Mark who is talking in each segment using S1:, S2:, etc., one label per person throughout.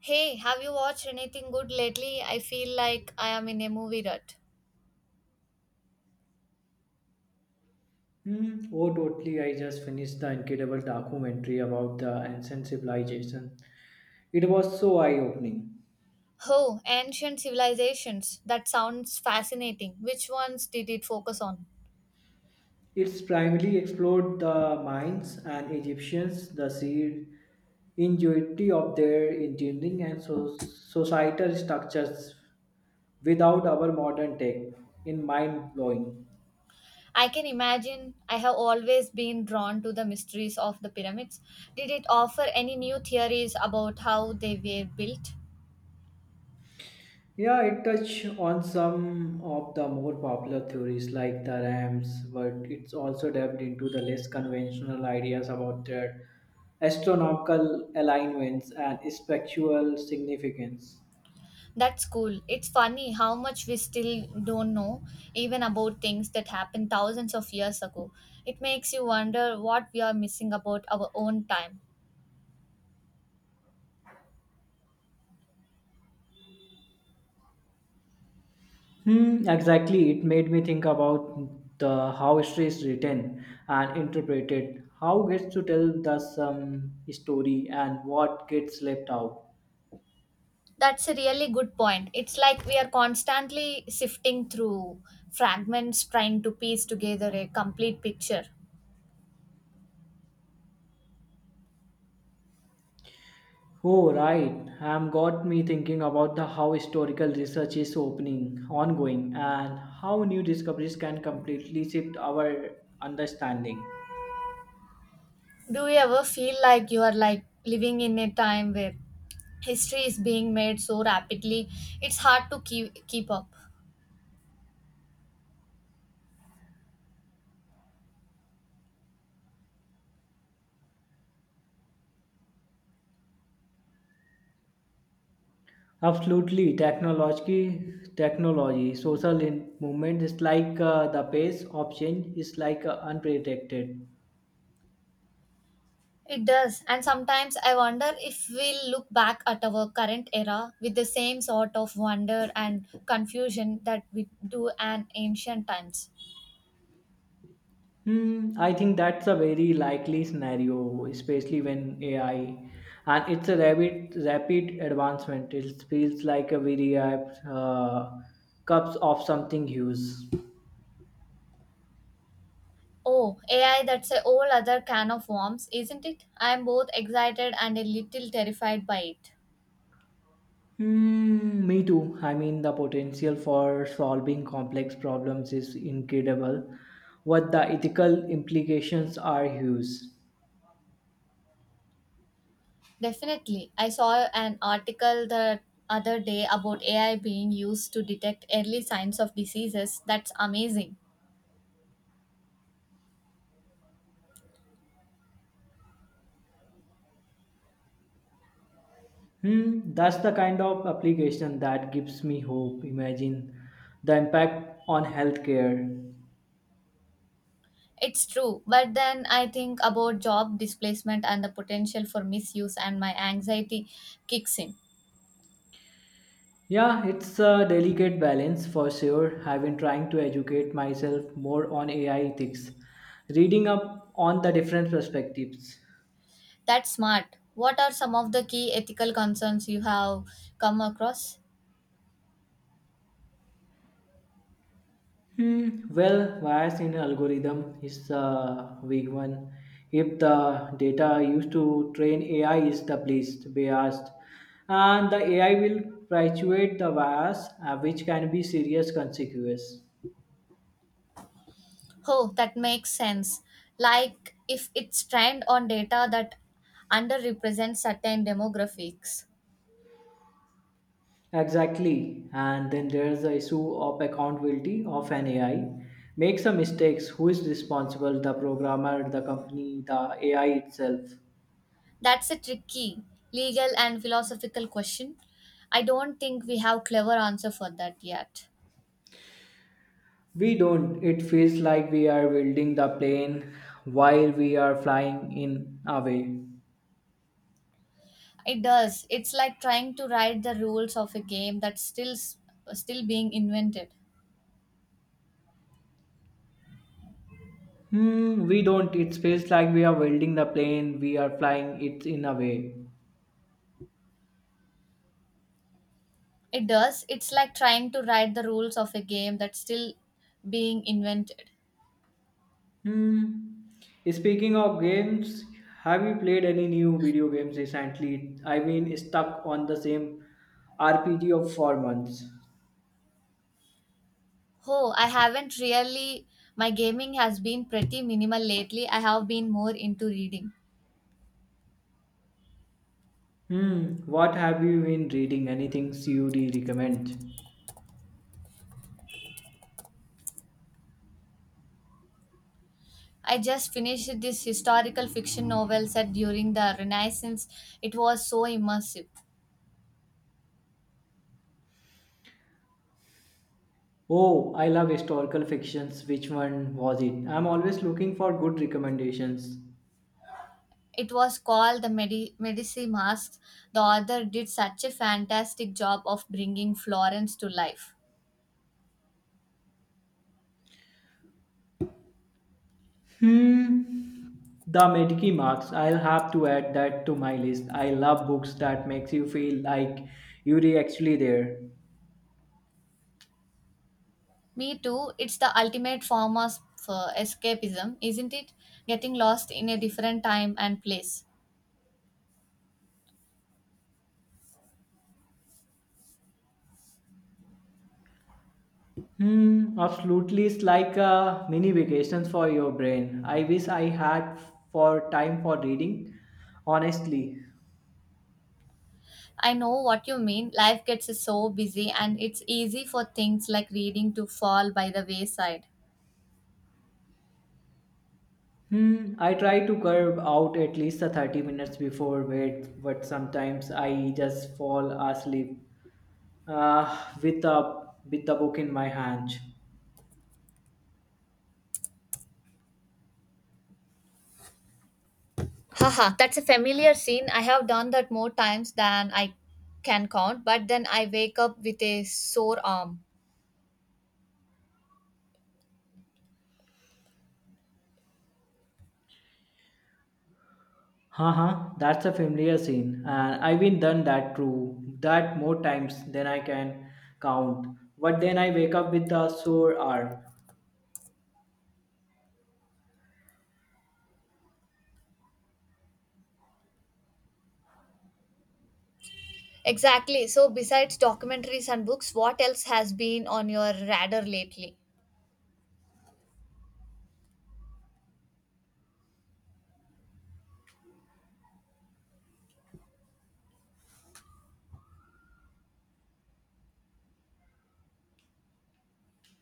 S1: Hey, have you watched anything good lately? I feel like I am in a movie rut.
S2: Hmm. Oh, totally. I just finished the incredible documentary about the ancient civilization. It was so eye opening.
S1: Oh, ancient civilizations. That sounds fascinating. Which ones did it focus on?
S2: It's primarily explored the mines and Egyptians, the sheer ingenuity of their engineering and societal structures without our modern tech in mind blowing.
S1: I can imagine I have always been drawn to the mysteries of the pyramids. Did it offer any new theories about how they were built?
S2: Yeah, it touch on some of the more popular theories like the ramps, but it's also delved into the less conventional ideas about their astronomical alignments and spectral significance.
S1: That's cool. It's funny how much we still don't know, even about things that happened thousands of years ago. It makes you wonder what we are missing about our own time.
S2: Hmm, exactly. It made me think about the how history is written and interpreted, how gets to tell the some story and what gets left out.
S1: That's a really good point. It's like we are constantly sifting through fragments trying to piece together a complete picture.
S2: Oh, right. Got me thinking about the how historical research is opening, ongoing, and how new discoveries can completely shift our understanding.
S1: Do you ever feel like you are like living in a time where history is being made so rapidly it's hard to keep up?
S2: Absolutely, technology, social movement is like the pace of change is like unpredicted.
S1: It does. And sometimes I wonder if we'll look back at our current era with the same sort of wonder and confusion that we do an ancient times.
S2: Hmm, I think that's a very likely scenario, especially when AI and it's a rapid advancement. It feels like a very cups of something huge.
S1: Oh, AI, that's a whole other can of worms, isn't it? I am both excited and a little terrified by it.
S2: Hmm, me too. I mean, the potential for solving complex problems is incredible, but the ethical implications are huge.
S1: Definitely. I saw an article the other day about AI being used to detect early signs of diseases. That's amazing.
S2: Hmm, that's the kind of application that gives me hope. Imagine the impact on healthcare.
S1: It's true, but then I think about job displacement and the potential for misuse, and my anxiety kicks in.
S2: Yeah, it's a delicate balance for sure. I've been trying to educate myself more on AI ethics, reading up on the different perspectives.
S1: That's smart. What are some of the key ethical concerns you have come across?
S2: Hmm. Well, bias in algorithm is a big one. If the data used to train AI is the least biased, and the AI will perpetuate the bias, which can be serious consequence.
S1: Oh, that makes sense. Like if it's trained on data that underrepresents certain demographics.
S2: Exactly. And then there's the issue of accountability of an AI. Make some mistakes. Who is responsible? The programmer, the company, the AI itself.
S1: That's a tricky legal and philosophical question. I don't think we have clever answer for that yet.
S2: We don't. It feels like we are building the plane while we are flying in a way.
S1: It does. It's like trying to write the rules of a game that's still being invented.
S2: Hmm, we don't. It feels like we are building the plane, we are flying it in a way.
S1: It does. It's like trying to write the rules of a game that's still being invented.
S2: Hmm. Speaking of games, have you played any new video games recently? I mean, stuck on the same RPG of 4 months.
S1: Oh, I haven't really. My gaming has been pretty minimal lately. I have been more into reading.
S2: Hmm. What have you been reading? Anything CUD recommend?
S1: I just finished this historical fiction novel set during the Renaissance. It was so immersive.
S2: Oh, I love historical fictions. Which one was it? I'm always looking for good recommendations.
S1: It was called The Medici Masks. The author did such a fantastic job of bringing Florence to life.
S2: Hmm. The Mediki marks. I'll have to add that to my list. I love books that makes you feel like you're actually there.
S1: Me too. It's the ultimate form of escapism, isn't it? Getting lost in a different time and place.
S2: Hmm, absolutely. It's like a mini vacations for your brain. I wish I had for time for reading. Honestly,
S1: I know what you mean. Life gets so busy, and it's easy for things like reading to fall by the wayside.
S2: hmm, I try to curve out at least a 30 minutes before bed, but sometimes I just fall asleep with a book in my hand.
S1: Haha, that's a familiar scene. I have done that more times than I can count, but then I wake up with a sore arm.
S2: Haha, that's a familiar scene, and I've been done that too. That more times than I can count. But then I wake up with a sore arm.
S1: Exactly. So, besides documentaries and books, what else has been on your radar lately?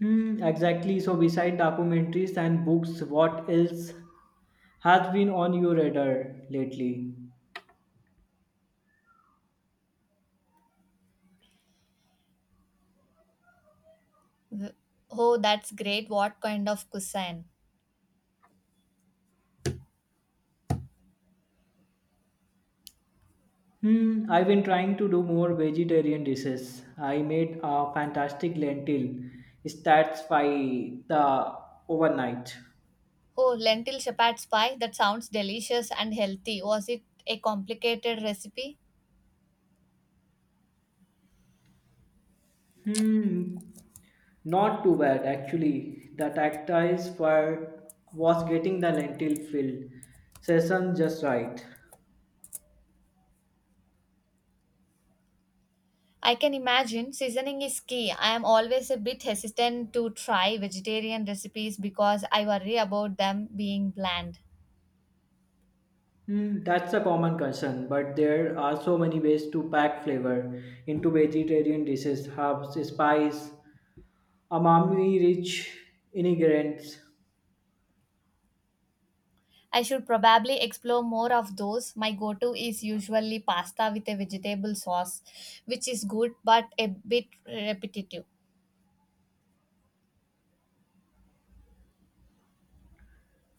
S2: Hmm, exactly. So, beside documentaries and books, what else has been on your radar lately?
S1: Wh- Oh, that's great. What kind of cuisine?
S2: Hmm, I've been trying to do more vegetarian dishes. I made a fantastic lentil stats the overnight.
S1: Oh, lentil shepherd's pie. That sounds delicious and healthy. Was it a complicated recipe?
S2: Hmm, not too bad actually. The tactiles were was getting the lentil fill session just right.
S1: I can imagine seasoning is key. I am always a bit hesitant to try vegetarian recipes because I worry about them being bland.
S2: Hmm, that's a common concern, but there are so many ways to pack flavor into vegetarian dishes, herbs, spice, umami-rich ingredients.
S1: I should probably explore more of those. My go to is usually pasta with a vegetable sauce, which is good but a bit repetitive.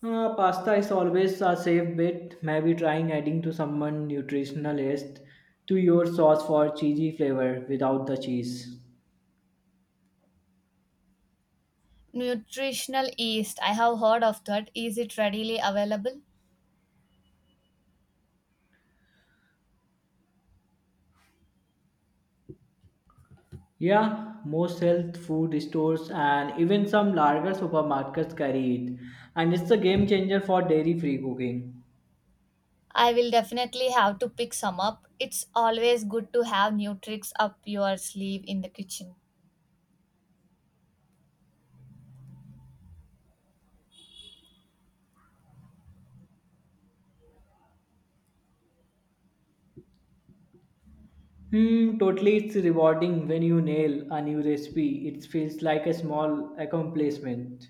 S2: Pasta is always a safe bet. Maybe trying adding to someone nutritional list to your sauce for cheesy flavor without the cheese.
S1: Nutritional yeast, I have heard of that. Is it readily available?
S2: Yeah, most health food stores and even some larger supermarkets carry it, and it's a game changer for dairy-free cooking.
S1: I will definitely have to pick some up. It's always good to have new tricks up your sleeve in the kitchen.
S2: Hmm, totally, it's rewarding when you nail a new recipe. It feels like a small accomplishment.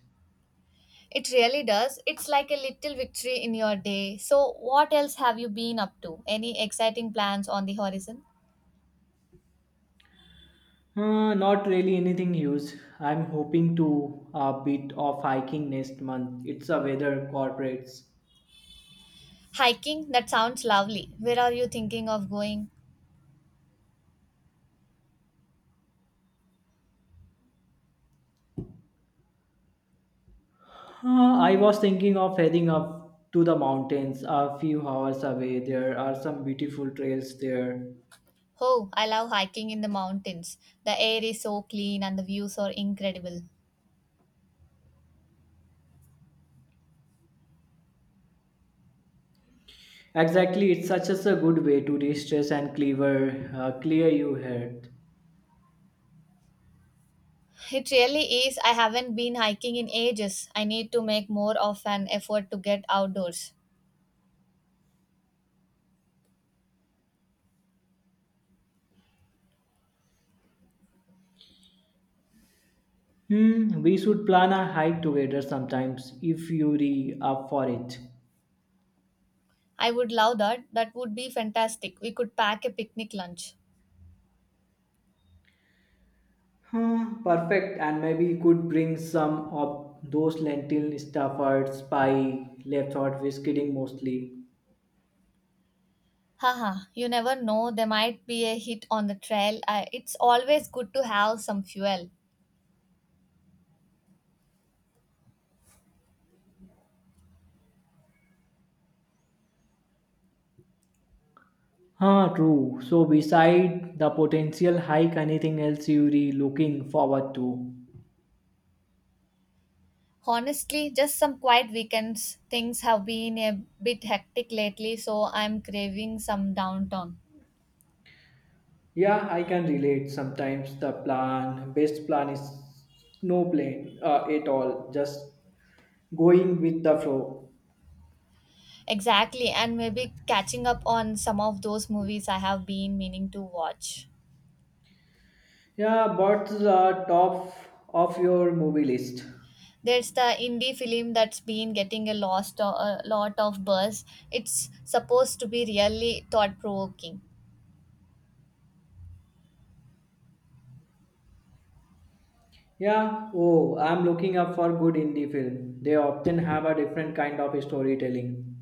S1: It really does. It's like a little victory in your day. So, what else have you been up to? Any exciting plans on the horizon?
S2: Not really anything huge. I'm hoping to a bit of hiking next month. It's a weather cooperates.
S1: Hiking? That sounds lovely. Where are you thinking of going?
S2: I was thinking of heading up to the mountains a few hours away. There are some beautiful trails there.
S1: Oh, I love hiking in the mountains. The air is so clean and the views are incredible.
S2: Exactly, it's such as a good way to de-stress and cleaver, clear your head.
S1: It really is. I haven't been hiking in ages. I need to make more of an effort to get outdoors.
S2: Hmm, we should plan a hike together sometimes if you're up for it.
S1: I would love that. That would be fantastic. We could pack a picnic lunch.
S2: Huh, perfect. And maybe you could bring some of those lentil stuffers, pie, left out with kidding mostly.
S1: Haha, you never know, there might be a hit on the trail. It's always good to have some fuel.
S2: Huh, true. So beside the potential hike, anything else you're looking forward to?
S1: Honestly, just some quiet weekends. Things have been a bit hectic lately, so I'm craving some downtown.
S2: Yeah, I can relate. Sometimes the plan, best plan is no plan at all. Just going with the flow.
S1: Exactly, and maybe catching up on some of those movies I have been meaning to watch.
S2: Yeah, what's the top of your movie list?
S1: There's the indie film that's been getting a lot of buzz. It's supposed to be really thought provoking.
S2: Yeah, oh, I'm looking up for good indie film. They often have a different kind of storytelling.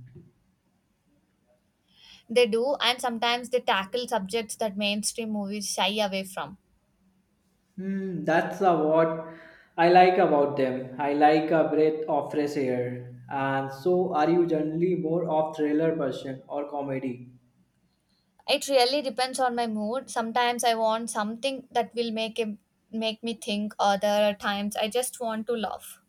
S1: They do, and sometimes they tackle subjects that mainstream movies shy away from.
S2: Hmm, that's a what I like about them. I like a breath of fresh air. And so, are you generally more of thriller person or comedy?
S1: It really depends on my mood. Sometimes I want something that will make me think. Other times I just want to laugh.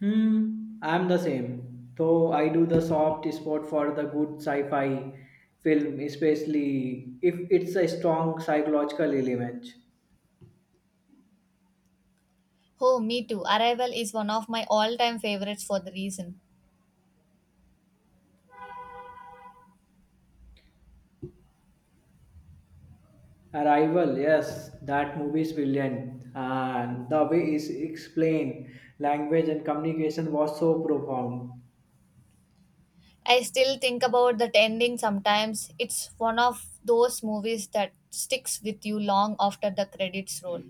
S2: Hmm, I'm the same. Though I do the soft spot for the good sci-fi film, especially if it's a strong psychological element.
S1: Oh, me too. Arrival is one of my all-time favorites for the reason.
S2: Arrival, yes, that movie is brilliant, and the way is explained, language and communication was so profound.
S1: I still think about that ending sometimes. It's one of those movies that sticks with you long after the credits roll.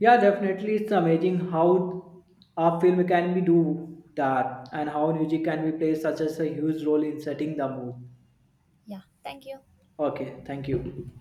S2: Yeah, definitely, it's amazing how a film can be do that, and how music can be play such as a huge role in setting the mood.
S1: Yeah, thank you.
S2: Okay, thank you.